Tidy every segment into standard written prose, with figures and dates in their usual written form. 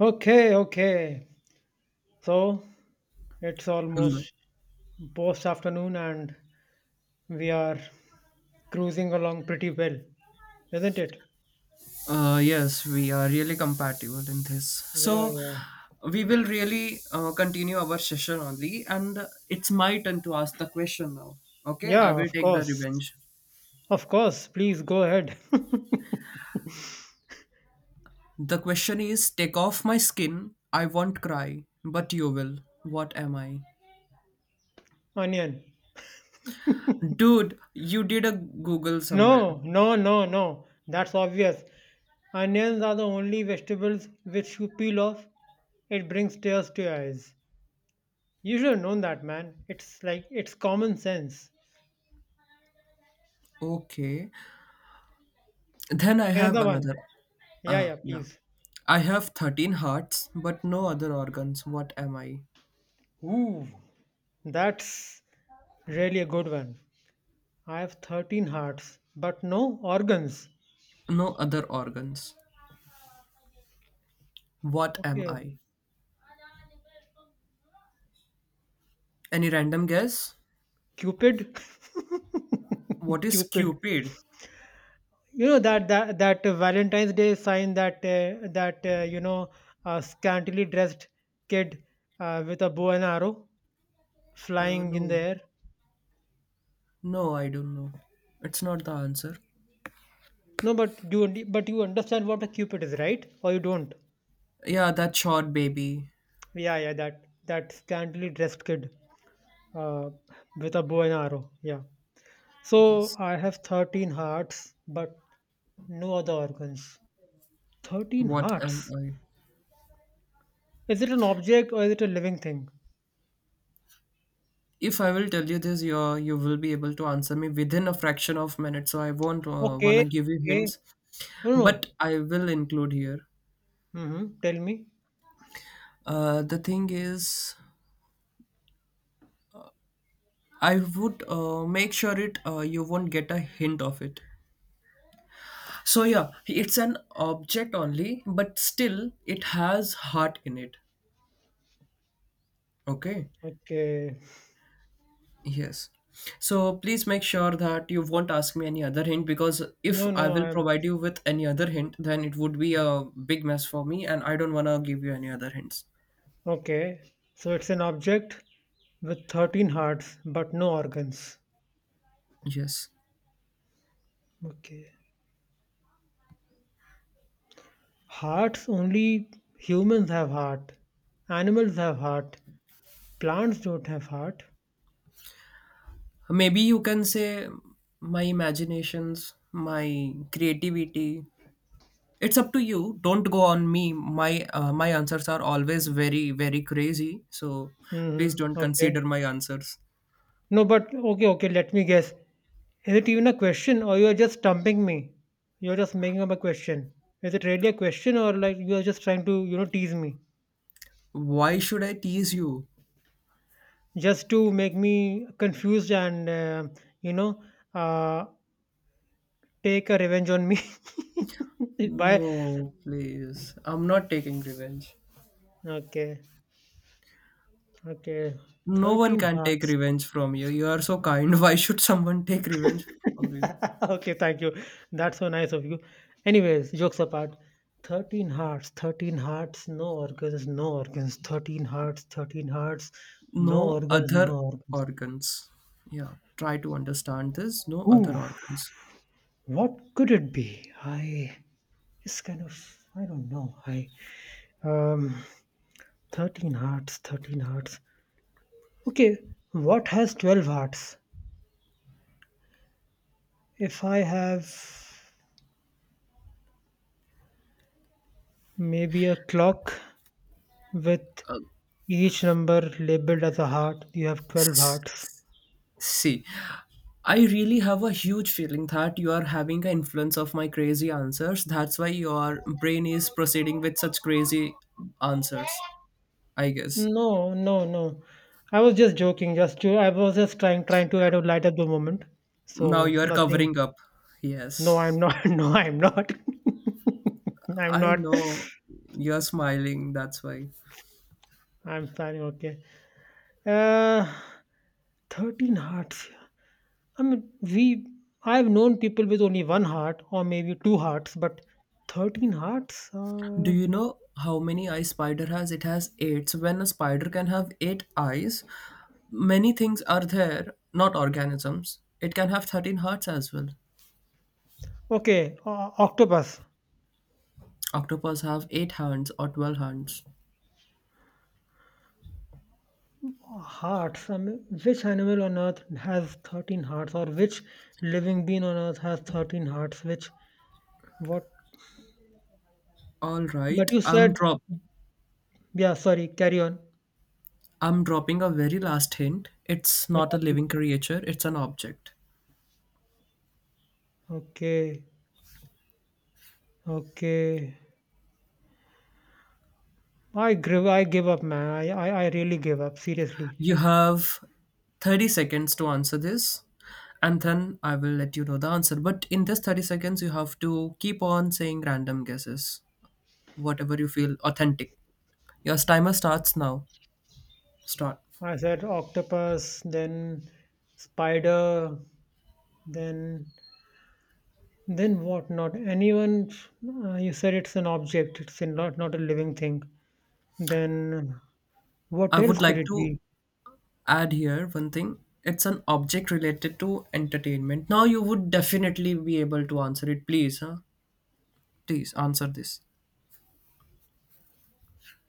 Okay, okay. So it's Hello. almost post afternoon and we are cruising along pretty well, isn't it? Yes, we are really compatible in this. Yeah, So yeah. we will really continue our session only, and it's my turn to ask the question now. Okay, I Yeah, will of take the course. revenge. Of course. Please go ahead. The question is: Take off my skin, I won't cry, but you will. What am I, Onion. dude? You did a Google somewhere. No, no, no, no. That's obvious. Onions are the only vegetables which you peel off. It brings tears to your eyes. You should have known that, man. It's like, it's common sense. Okay. Then I have Another one. another. Yeah, yeah, Yeah. please. I have 13 hearts, but no other organs. What am I? Ooh, that's really a good one. I have 13 hearts, but no organs. No other organs. What am Okay, I? Any random guess? Cupid. What is Cupid. Cupid? You know that Valentine's Day sign that a scantily dressed kid with a bow and arrow flying in the No. air. No, I don't know. It's not the answer. No, but you understand what a Cupid is, right? Or you don't? Yeah, that short baby. Yeah, yeah. That scantily dressed kid uh, with a bow and arrow. Yeah. So Yes. I have 13 hearts, but no other organs. 13 What am hearts? I? Is it an object or is it a living thing? If I will tell you this, you will be able to answer me within a fraction of minute. So I won't Okay, wanna give you okay. hints, No, no. but I will include here. Mm-hmm. Tell me. The thing is, I would make sure it you won't get a hint of it. So yeah, it's an object only, but still it has heart in it. Okay. Okay. Yes. So please make sure that you won't ask me any other hint, because if No, I no, will I'm provide you with any other hint, then it would be a big mess for me, and I don't wanna give you any other hints. okay. So it's an object with 13 hearts, but no organs. Yes. Okay. Hearts, only humans have heart. Animals have heart. Plants don't have heart. Maybe you can say my imaginations, my creativity. It's up to you. Don't go on me. My answers are always very very crazy. So please Mm-hmm. don't Okay. consider my answers. No, but okay, okay, let me guess. Is it even a question or you are just stumping me? You're just making up a question. Is it really a question or like you are just trying to, tease me? Why should I tease you? Just to make me confused and, you know, uh, take a revenge on me. By, No, please. I'm not taking revenge. okay, okay. No one 13 can take hearts. revenge from you. You are so kind. Why should someone take revenge from you? Okay, thank you. That's so nice of you. Anyways, jokes apart. 13 hearts, 13 hearts, no organs, no organs, 13 hearts, 13 hearts, no No organs, other no organs. organs. Yeah, try to understand this. No Ooh, other organs. what could it be? I It's kind of I don't know. I um 13 hearts, 13 hearts. Okay, what has 12 hearts? If I have maybe a clock with each number labeled as a heart, you have 12 hearts. See, I really have a huge feeling that you are having an influence of my crazy answers. That's why your brain is proceeding with such crazy answers, I guess. No, no, no. I was just joking. I was just trying to add a light at the moment. Now So you are nothing. covering up. No, I'm Yes. not. No, I'm not. I'm I not. know you're smiling, that's why. I'm sorry. Okay. Uh, 13 hearts. I mean, we. I've known people with only one heart or maybe two hearts, but 13 hearts. Do you know how many eyes spider has? It has eight. So when a spider can have eight eyes, many things are there, not organisms. It can have 13 hearts as well. Okay. Octopus. Octopus have eight hands or 12 hands. Hearts. I mean, which animal on earth has 13 hearts, or which living being on earth has 13 hearts? Which, what? All But right, you I'm said, drop yeah, sorry, carry on. I'm dropping a very last hint. It's not a living creature, it's an object. Okay, okay. I give up, man. I really give up, seriously. You have 30 seconds to answer this, and then I will let you know the answer. But in this 30 seconds, you have to keep on saying random guesses, whatever you feel authentic. Your timer starts now. Start. I said octopus, then spider, then what not? Anyone, you said it's an object, not, not a living thing. Then what I else would could like it to be? add here one thing. It's an object related to entertainment. Now you would definitely be able to answer it. Please, huh? Please answer this.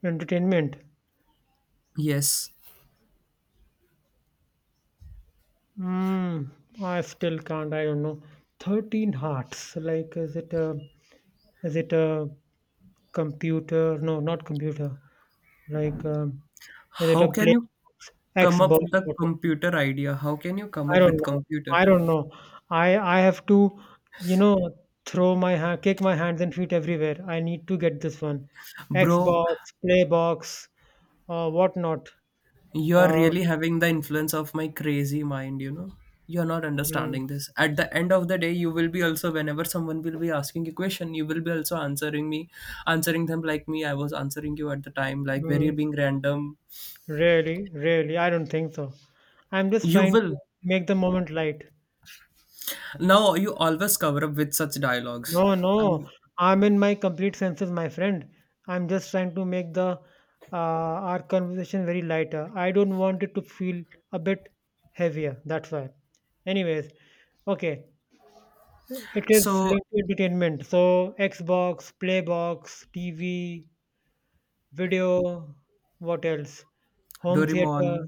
Entertainment? Yes. Mm, I still can't. I don't know. 13 hearts. Like, is it a computer? No, not computer. Like, is it a How can play you come up Xbox? with a computer idea? How can you come I up don't with know. computer? I don't know. I have to, you know, throw my hand, kick my hands and feet everywhere. I need to get this one. Bro, Xbox, Playbox, whatnot. you're Uh, really having the influence of my crazy mind, you know? You're not mm, understanding this. At the end of the day, you will be also whenever someone will be asking a question, you will be also answering me, answering them like me. I was answering you at the time, like very mm. being random. Really, really, I don't think so. I'm just You trying to. will. Make the moment light. Now you always cover up with such dialogues. No, no, Um, I'm in my complete senses, my friend. I'm just trying to make the our conversation very lighter. I don't want it to feel a bit heavier. That's why. Anyways, okay. It is so linked to entertainment. So Xbox, Playbox, TV, video, what else? Home Doraemon, theater,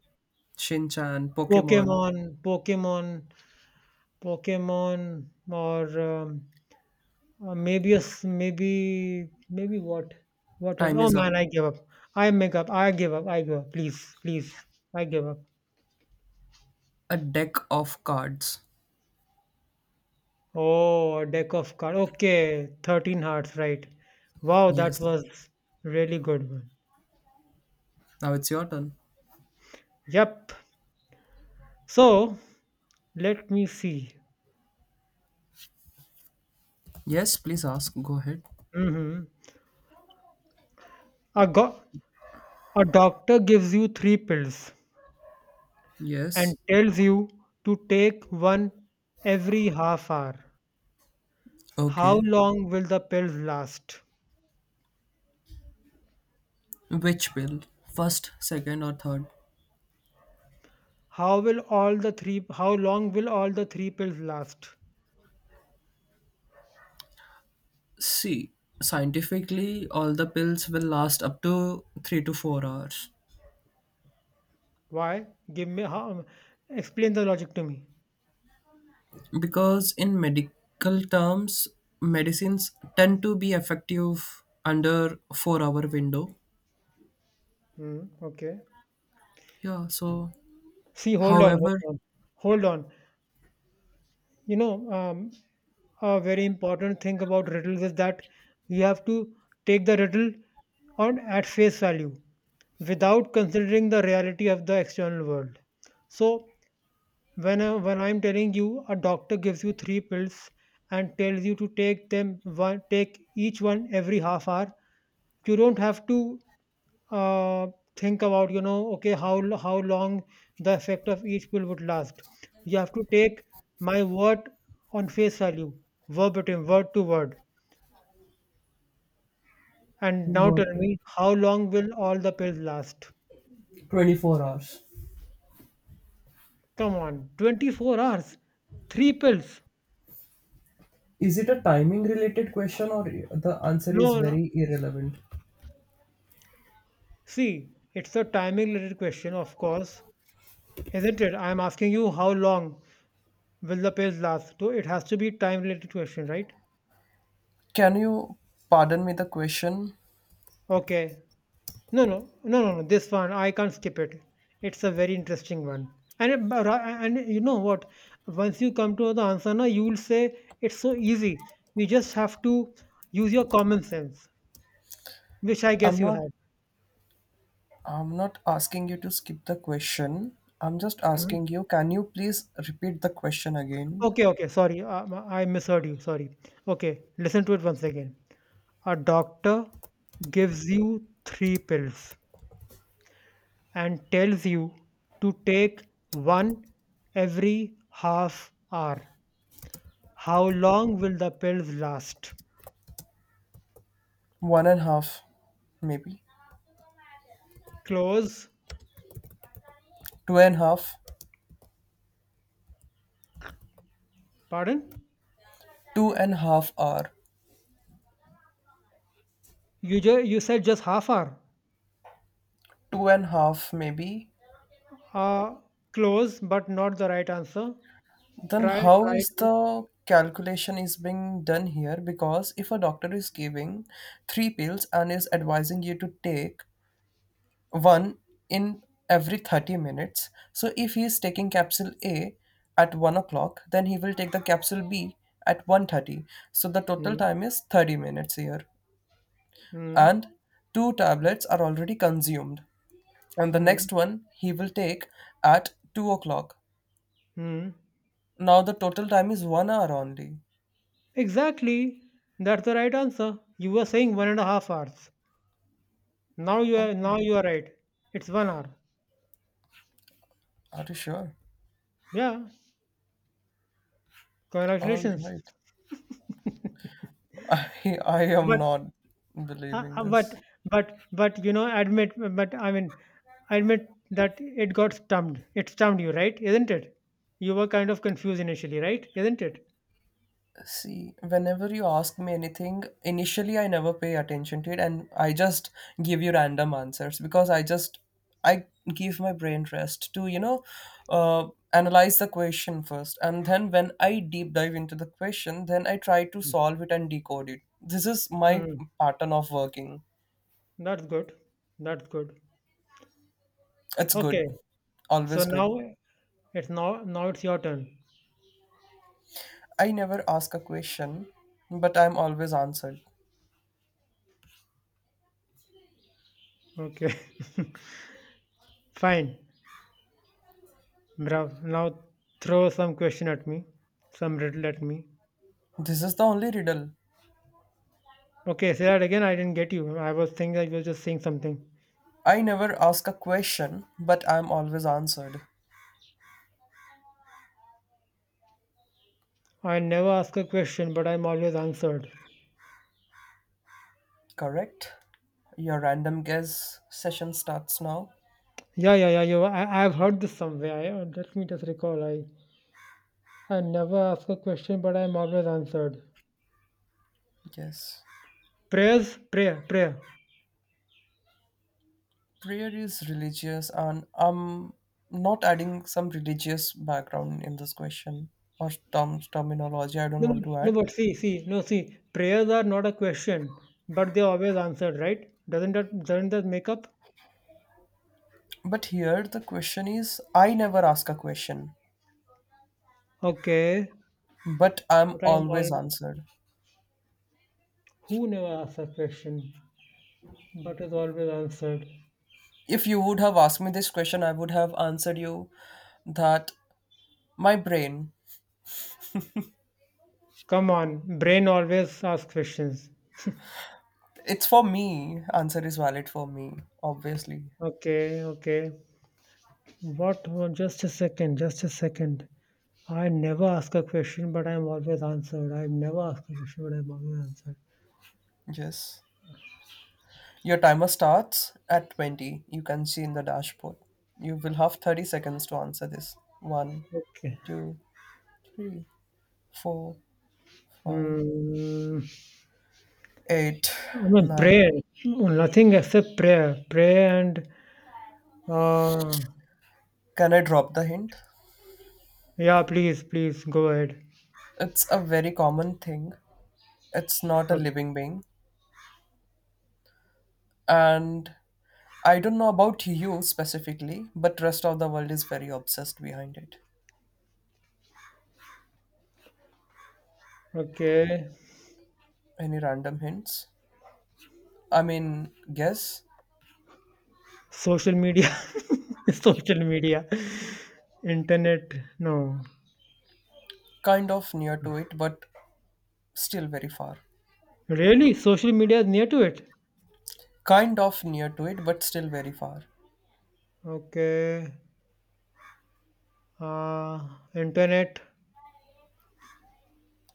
Shin-chan, Pokemon. Pokemon, Pokemon. Pokemon or, maybe a s maybe maybe what? What else? Time Oh is up. man, I give up. I make up. I give up. I give up. Please, please. I give up. A deck of cards. Oh, a deck of cards. Okay, 13 hearts, right. Wow, that Yes. was really good one. Now it's your turn. Yep. So, let me see. Yes, please ask. Go ahead. Mm-hmm. A, go- a doctor gives you three pills Yes. and tells you to take one every half hour. How Okay. long will the pills last? Which pill? First, second, or third? How long will all the three pills last? See, scientifically, all the pills will last up to 3 to 4 hours. Why? Give me how Explain the logic to me. Because in medical terms, medicines tend to be effective under 4 hour window. Hmm. Okay. Yeah, so See, hold on, hold however. on, hold on. You know, a very important thing about riddles is that you have to take the riddle on at face value without considering the reality of the external world. So when I'm telling you, a doctor gives you three pills and tells you to take each one every half hour. You don't have to uh, think about how long the effect of each pill would last. You have to take my word on face value, verbatim, word to word. And now Got tell it. me, how long will all the pills last? 24 hours. Come on, 24 hours, three pills. Is it a timing related question or the answer is No, very irrelevant? see, it's a timing related question, of course, isn't it? I'm asking you how long will the page last? So it has to be time related question, right? Can you pardon me the question? Okay. No, no, no, no, no. This one I can't skip it. It's a very interesting one. And it- but I- and you know what? Once you come to the answer, now you will say it's so easy. You just have to use your common sense, which I guess I'm you not have. I'm not asking you to skip the question. I'm just Mhm. asking you, can you please repeat the question again? Okay, okay. Sorry, I misheard you. Sorry. Okay, listen to it once again. A doctor gives you three pills and tells you to take one every half hour. How long will the pills last? One and a half, maybe. Close. Two and a half. Pardon? 2.5 hour. You said just half hour. Two and a half, maybe. Uh, close, but not the right answer. Then Try how try it is out. the calculation is being done here? Because if a doctor is giving three pills and is advising you to take one in every 30 minutes. So if he is taking capsule A at 1 o'clock, then he will take the capsule B at 1:30. So the total Hmm. time is 30 minutes here. Hmm. And two tablets are already consumed. And the Hmm. next one he will take at 2 o'clock. Hmm. Now the total time is 1 hour only. Exactly. That's the right answer. You were saying 1.5 hours. Now you are Okay. now you are right. It's 1 hour. Are you sure? Yeah. All Congratulations. right. I am But not uh, believing uh, but this. but admit but I mean, admit that it got stumped. It stumped you, right? Isn't it? You were kind of confused initially, right? Isn't it? See, whenever you ask me anything, initially I never pay attention to it, and I just give you random answers because I give my brain rest to, analyze the question first. And then when I deep dive into the question, then I try to solve it and decode it. This is my Mm, pattern of working. that's good. That's good. It's Okay. good. So Always good. now it's now now it's your turn. I never ask a question, but I'm always answered. Okay. Fine. Bravo. Now throw some question at me, some riddle at me. This is the only riddle. Okay, say that again. I didn't get you. I was thinking I was just saying something. I never ask a question, but I'm always answered. I never ask a question, but I'm always answered. Correct? Your random guess session starts now. Yeah, yeah, yeah. I've heard this somewhere. Let me just recall. I never ask a question, but I'm always answered. Yes. Prayers, prayer, prayer. Prayer is religious, and I'm not adding some religious background in this question, or terms, terminology I don't No, want but- to no, add. but see, no, see. Prayers are not a question, but they're always answered, right? Doesn't that make up? But here the question is I never ask a question, Okay, but I'm but I'm always always answered. who never asks a question, but is always answered. If you would have asked me this question, I would have answered you that my brain. Come on, brain always asks questions. It's for me. Answer is valid for me, obviously. Okay, okay. What? Just a second, just a second. I never ask a question, but I'm always answered. I never ask a question, but I'm always answered. Yes. Your timer starts at 20. You can see in the dashboard. You will have 30 seconds to answer this. One, Okay. two, three, four, five, Hmm. eight, I mean, nine. prayer. Nothing except prayer. Prayer and, uh, Can I drop the hint? yeah, please, please go ahead. It's a very common thing. It's not a Okay. living being. And I don't know about you specifically, but rest of the world is very obsessed behind it. Okay. Any random hints? I mean, guess? Social media. Social media. Internet. No. Kind of near to it, but still very far. Really? Social media is near to it? Kind of near to it, but still very far. Okay. Uh, internet.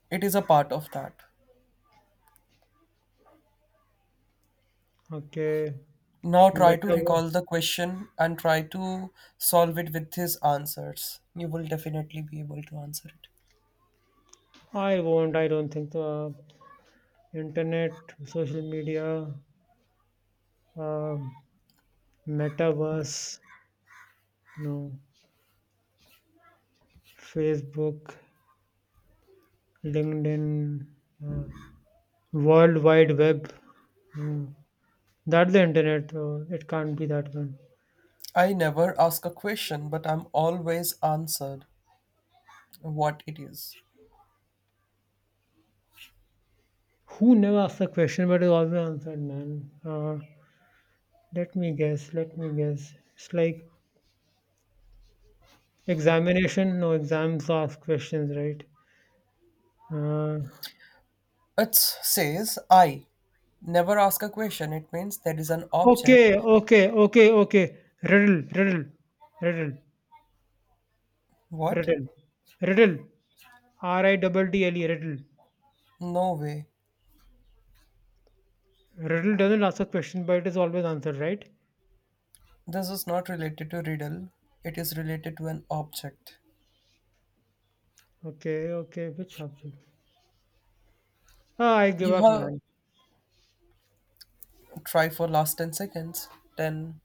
It is a part of that. Okay. Now try to Metaverse. recall the question and try to solve it with his answers. You will definitely be able to answer it. I won't. I don't think internet, social media, uh, metaverse, no, Facebook, LinkedIn, uh, World Wide Web. No, that's the internet. It can't be that one. I never ask a question, but I'm always answered, what it is. Who never asked a question but is always answered, man? Let me guess. Let me guess. It's like examination. No exams ask questions, right? Uh, It says I. Never ask a question. It means there is an object. Okay, okay, okay, okay. Riddle, riddle, riddle, What? riddle, riddle. Ri double dle riddle. No way. Riddle doesn't ask a question, but it is always answered, right? This is not related to riddle, it is related to an object. Okay, okay. Which subject? Ah, I give You up, have man. try for last 10 seconds. 10,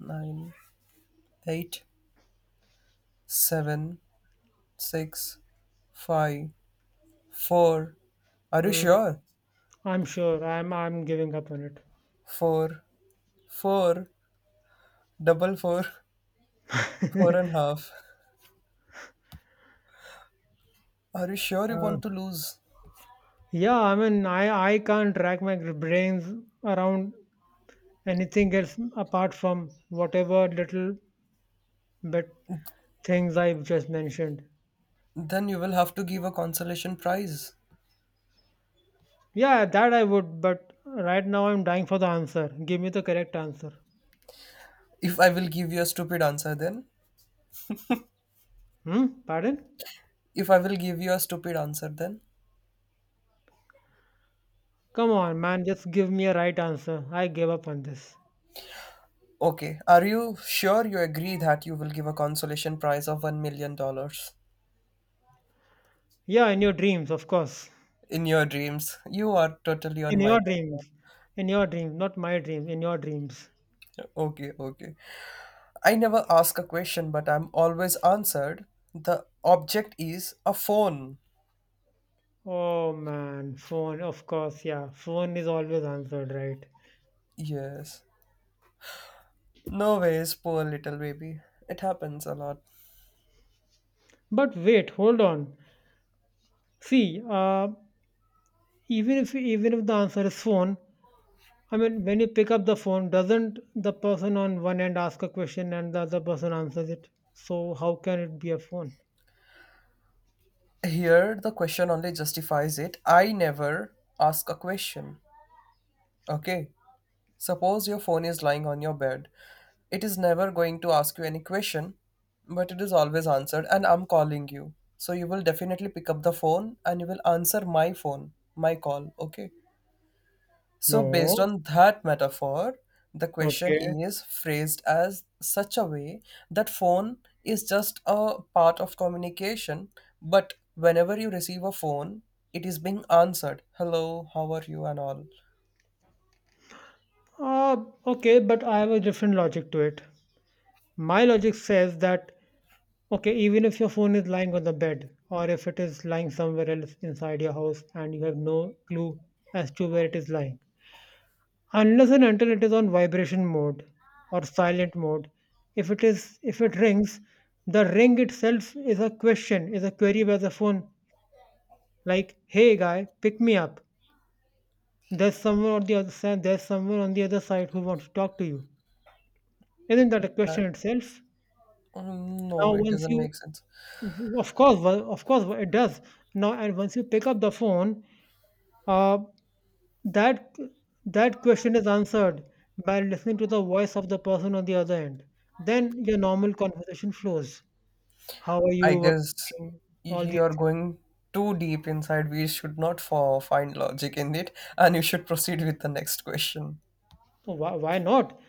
9, 8, 7, 6, 5, 4. Are you Hmm. sure? I'm sure. I'm giving up on it. 4, four, double 4 four and half. Are you sure you Uh, want to lose? yeah, I mean, I can't drag my brains around anything else apart from whatever little bit things I've just mentioned. Then you will have to give a consolation prize. Yeah, that I would, but right now I'm dying for the answer. Give me the correct answer. If I will give you a stupid answer, then. Hmm? Pardon? If I will give you a stupid answer, then. Come on, man, just give me a right answer. I gave up on this. Okay, are you sure you agree that you will give a consolation prize of $1 million dollars Yeah, in your dreams, of course. in your dreams? You are totally In on my your time. dreams. In your dreams, not my dreams, in your dreams. Okay, okay. I never ask a question, but I'm always answered. The object is a phone. Oh man, phone, of course, yeah. Phone is always answered, right? Yes. No ways, poor little baby. It happens a lot. But wait, hold on. See, even if the answer is phone, I mean, when you pick up the phone, doesn't the person on one end ask a question and the other person answers it? So how can it be a phone? Here, the question only justifies it. I never ask a question. Okay. Suppose your phone is lying on your bed. It is never going to ask you any question, but it is always answered, and I'm calling you. So you will definitely pick up the phone and you will answer my phone, my call, okay? So, based No. on that metaphor, the question Okay. is phrased as such a way that phone is just a part of communication, but whenever you receive a phone, it is being answered. Hello, how are you, and all Uh, okay, but I have a different logic to it. My logic says that, okay, even if your phone is lying on the bed or if it is lying somewhere else inside your house and you have no clue as to where it is lying, unless and until it is on vibration mode or silent mode, if it rings, the ring itself is a question, is a query by the phone, like, hey guy, pick me up. There's someone on the other side there's someone on the other side who wants to talk to you. Isn't that a question that. itself? Now No, it once doesn't you make sense. of course well, Of course it does. Now, and once you pick up the phone, uh, That that question is answered by listening to the voice of the person on the other end. Then your normal conversation flows. How are you? I What are guess you doing? All you these are things. going too deep inside. We should not for find logic in it, and you should proceed with the next question. So why not?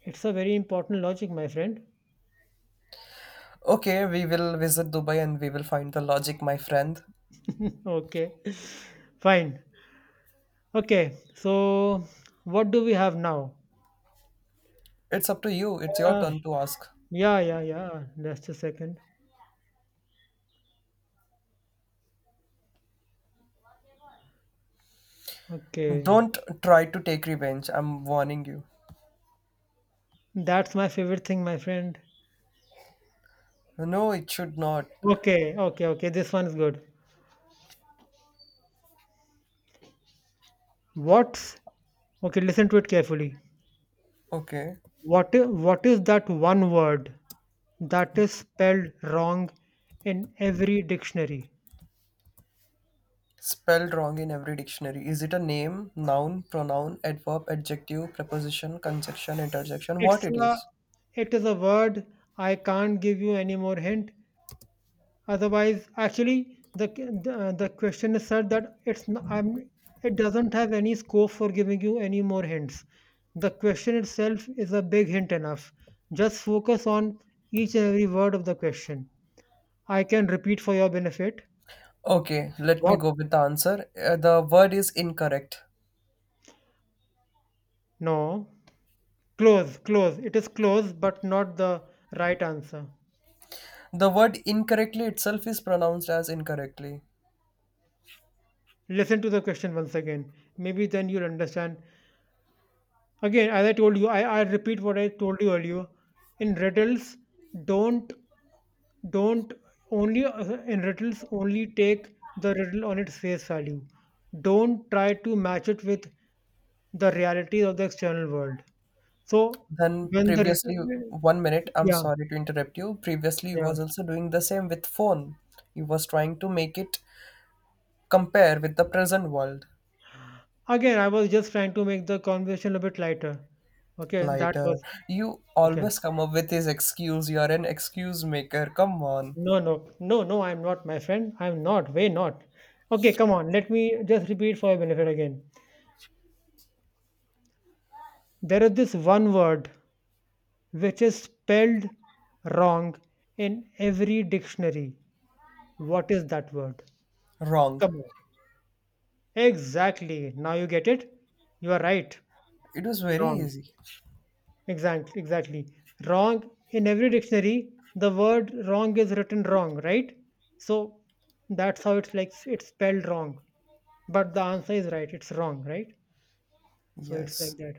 It's a very important logic, my friend. Okay, we will visit Dubai and we will find the logic, my friend. Okay, fine. Okay, so what do we have now? It's up to you. It's your Uh, turn to ask. yeah, yeah, yeah. Just a second. Okay, Don't try to take revenge. I'm warning you. that's my favorite thing, my friend. No, it should not. Okay, okay, okay. This one is good. What's okay? Listen to it carefully. Okay. What is that one word that is spelled wrong in every dictionary? Spelled wrong in every dictionary. Is it a name, noun, pronoun, adverb, adjective, preposition, conjunction, interjection? What It's it a, is? it is a word. I can't give you any more hint. Otherwise, actually, the question is said that it doesn't have any scope for giving you any more hints. The question itself is a big hint enough. Just focus on each and every word of the question. I can repeat for your benefit. Okay, let me What? go with the answer. The word is incorrect. No. Close, close. It is close, but not the right answer. The word incorrectly itself is pronounced as incorrectly. Listen to the question once again. Maybe then you'll understand. Again, as I told you, I repeat what I told you earlier. In riddles, don't don't only in riddles only take the riddle on its face value. Don't try to match it with the realities of the external world. So Then when the previously, riddle- 1 minute, I'm yeah, sorry to interrupt you. Previously, you yeah, was also doing the same with phone. You was trying to make it compare with the present world. again, I was just trying to make the conversation a bit lighter. Okay, that Lighter. was You Okay. always come up with this excuse. You are an excuse maker. Come on. No, no, no, no, I'm not, my friend. I'm not, way not. Okay, come on, let me just repeat for your benefit again. There is this one word which is spelled wrong in every dictionary. What is that word? Wrong. Come on. Exactly. Now you get it? You are right. It was very Wrong. easy. Exactly, exactly. Wrong in every dictionary, the word wrong is written wrong, right? So that's how it's like it's spelled wrong. But the answer is right, it's wrong, right? So it's like Yes. that.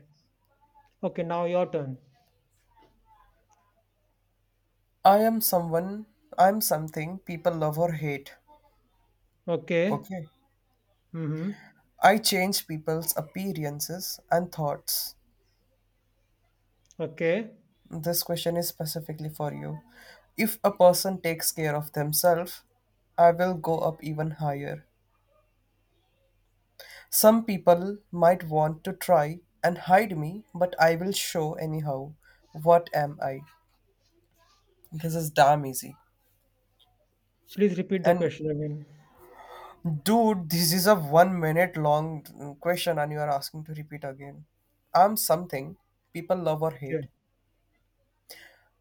Okay, now your turn. I am someone, I'm something people love or hate. Okay. Okay. Mm-hmm. I change people's appearances and thoughts. Okay. This question is specifically for you. If a person takes care of themselves, I will go up even higher. Some people might want to try and hide me, but I will show anyhow. What am I? This is damn easy. Please repeat the And question again. dude, this is a 1 minute long question, and you are asking to repeat again. I'm something people love or Okay. hate.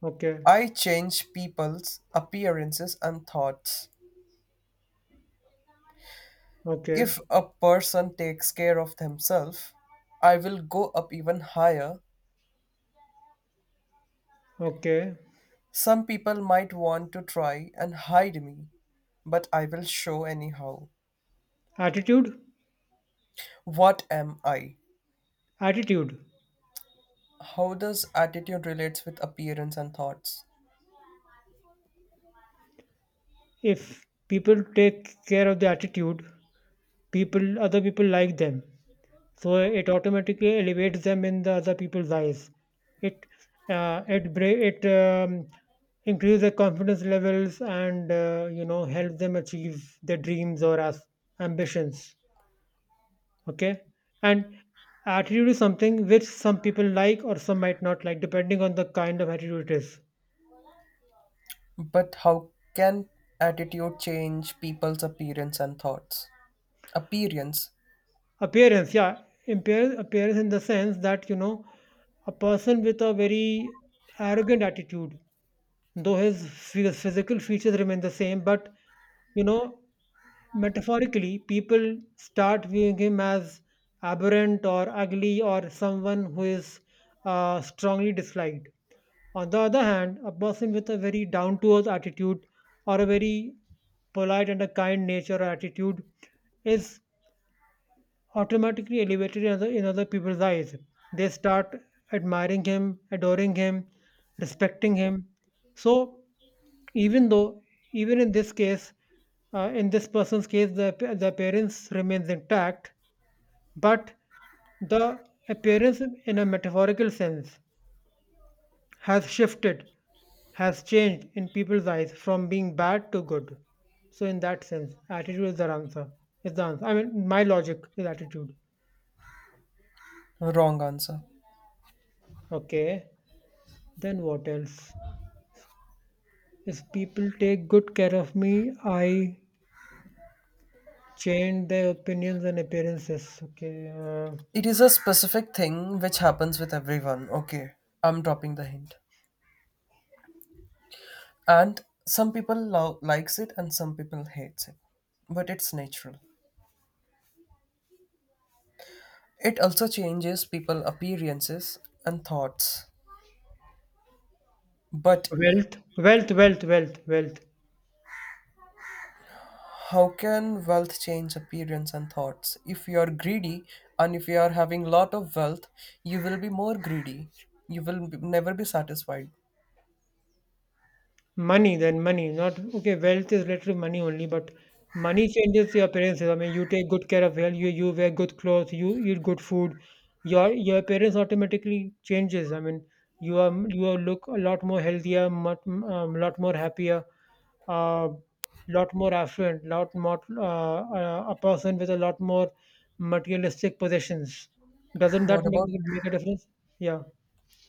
Okay. I change people's appearances and thoughts. Okay. If a person takes care of themselves, I will go up even higher. Okay. Some people might want to try and hide me, but I will show anyhow. Attitude. What am I? Attitude. How does attitude relates with appearance and thoughts? If people take care of their attitude, people, other people like them, so it automatically elevates them in the other people's eyes. It uh, it bra- it um, increase their confidence levels and, you know, help them achieve their dreams or ambitions. Okay. And attitude is something which some people like or some might not like, depending on the kind of attitude it is. But how can attitude change people's appearance and thoughts? Appearance, Appearance, yeah. Appearance in the sense that, you know, a person with a very arrogant attitude, though his physical features remain the same, but, you know, metaphorically, people start viewing him as aberrant or ugly or someone who is, strongly disliked. On the other hand, a person with a very down to earth attitude or a very polite and a kind nature or attitude is automatically elevated in other people's eyes. They start admiring him, adoring him, respecting him. So even though, even in this case, in this person's case, the appearance remains intact, but the appearance in a metaphorical sense has shifted, has changed in people's eyes from being bad to good. So in that sense, attitude is the answer. Is the answer. I mean, my logic is attitude. wrong answer. Okay. Then what else? If people take good care of me, I change their opinions and appearances. Okay. It is a specific thing which happens with everyone. Okay, I'm dropping the hint. And some people likes it, and some people hates it. But it's natural. It also changes people appearances and thoughts. But Wealth, wealth, wealth, wealth, wealth. how can wealth change appearance and thoughts? If you are greedy and if you are having lot of wealth, you will be more greedy. You will never be satisfied. Money, then money, not okay. Wealth is literally money only, but money changes your appearances. I mean, you take good care of health, you wear good clothes, you eat good food. Your appearance automatically changes. I mean, you are look a lot more healthier, much lot more happier, uh, lot more affluent, lot more a person with a lot more materialistic possessions. Doesn't that What make about make a difference? Yeah,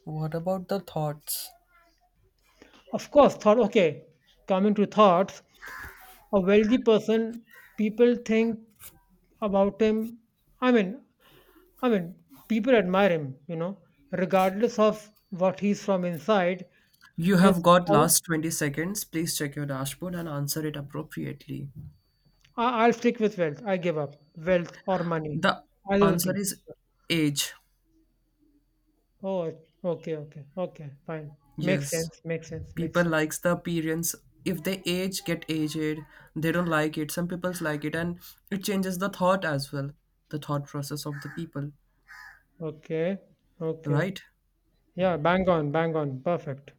what about the thoughts? of course. Thought, okay. Coming to thoughts. A wealthy person, people think about him. I mean, I mean, people admire him, you know, regardless of what he's from inside. You His, have got I- last 20 seconds. Please check your dashboard and answer it appropriately. I'll stick with wealth. I give up, wealth or money, The either the answer two. is age. Oh, okay, okay, okay, fine. Makes Yes. sense, makes sense, makes People sense. likes the appearance. If they age, get aged. They don't like it. Some people like it, and it changes the thought as well. The thought process of the people, Okay, okay. right? Yeah, bang on, bang on. Perfect.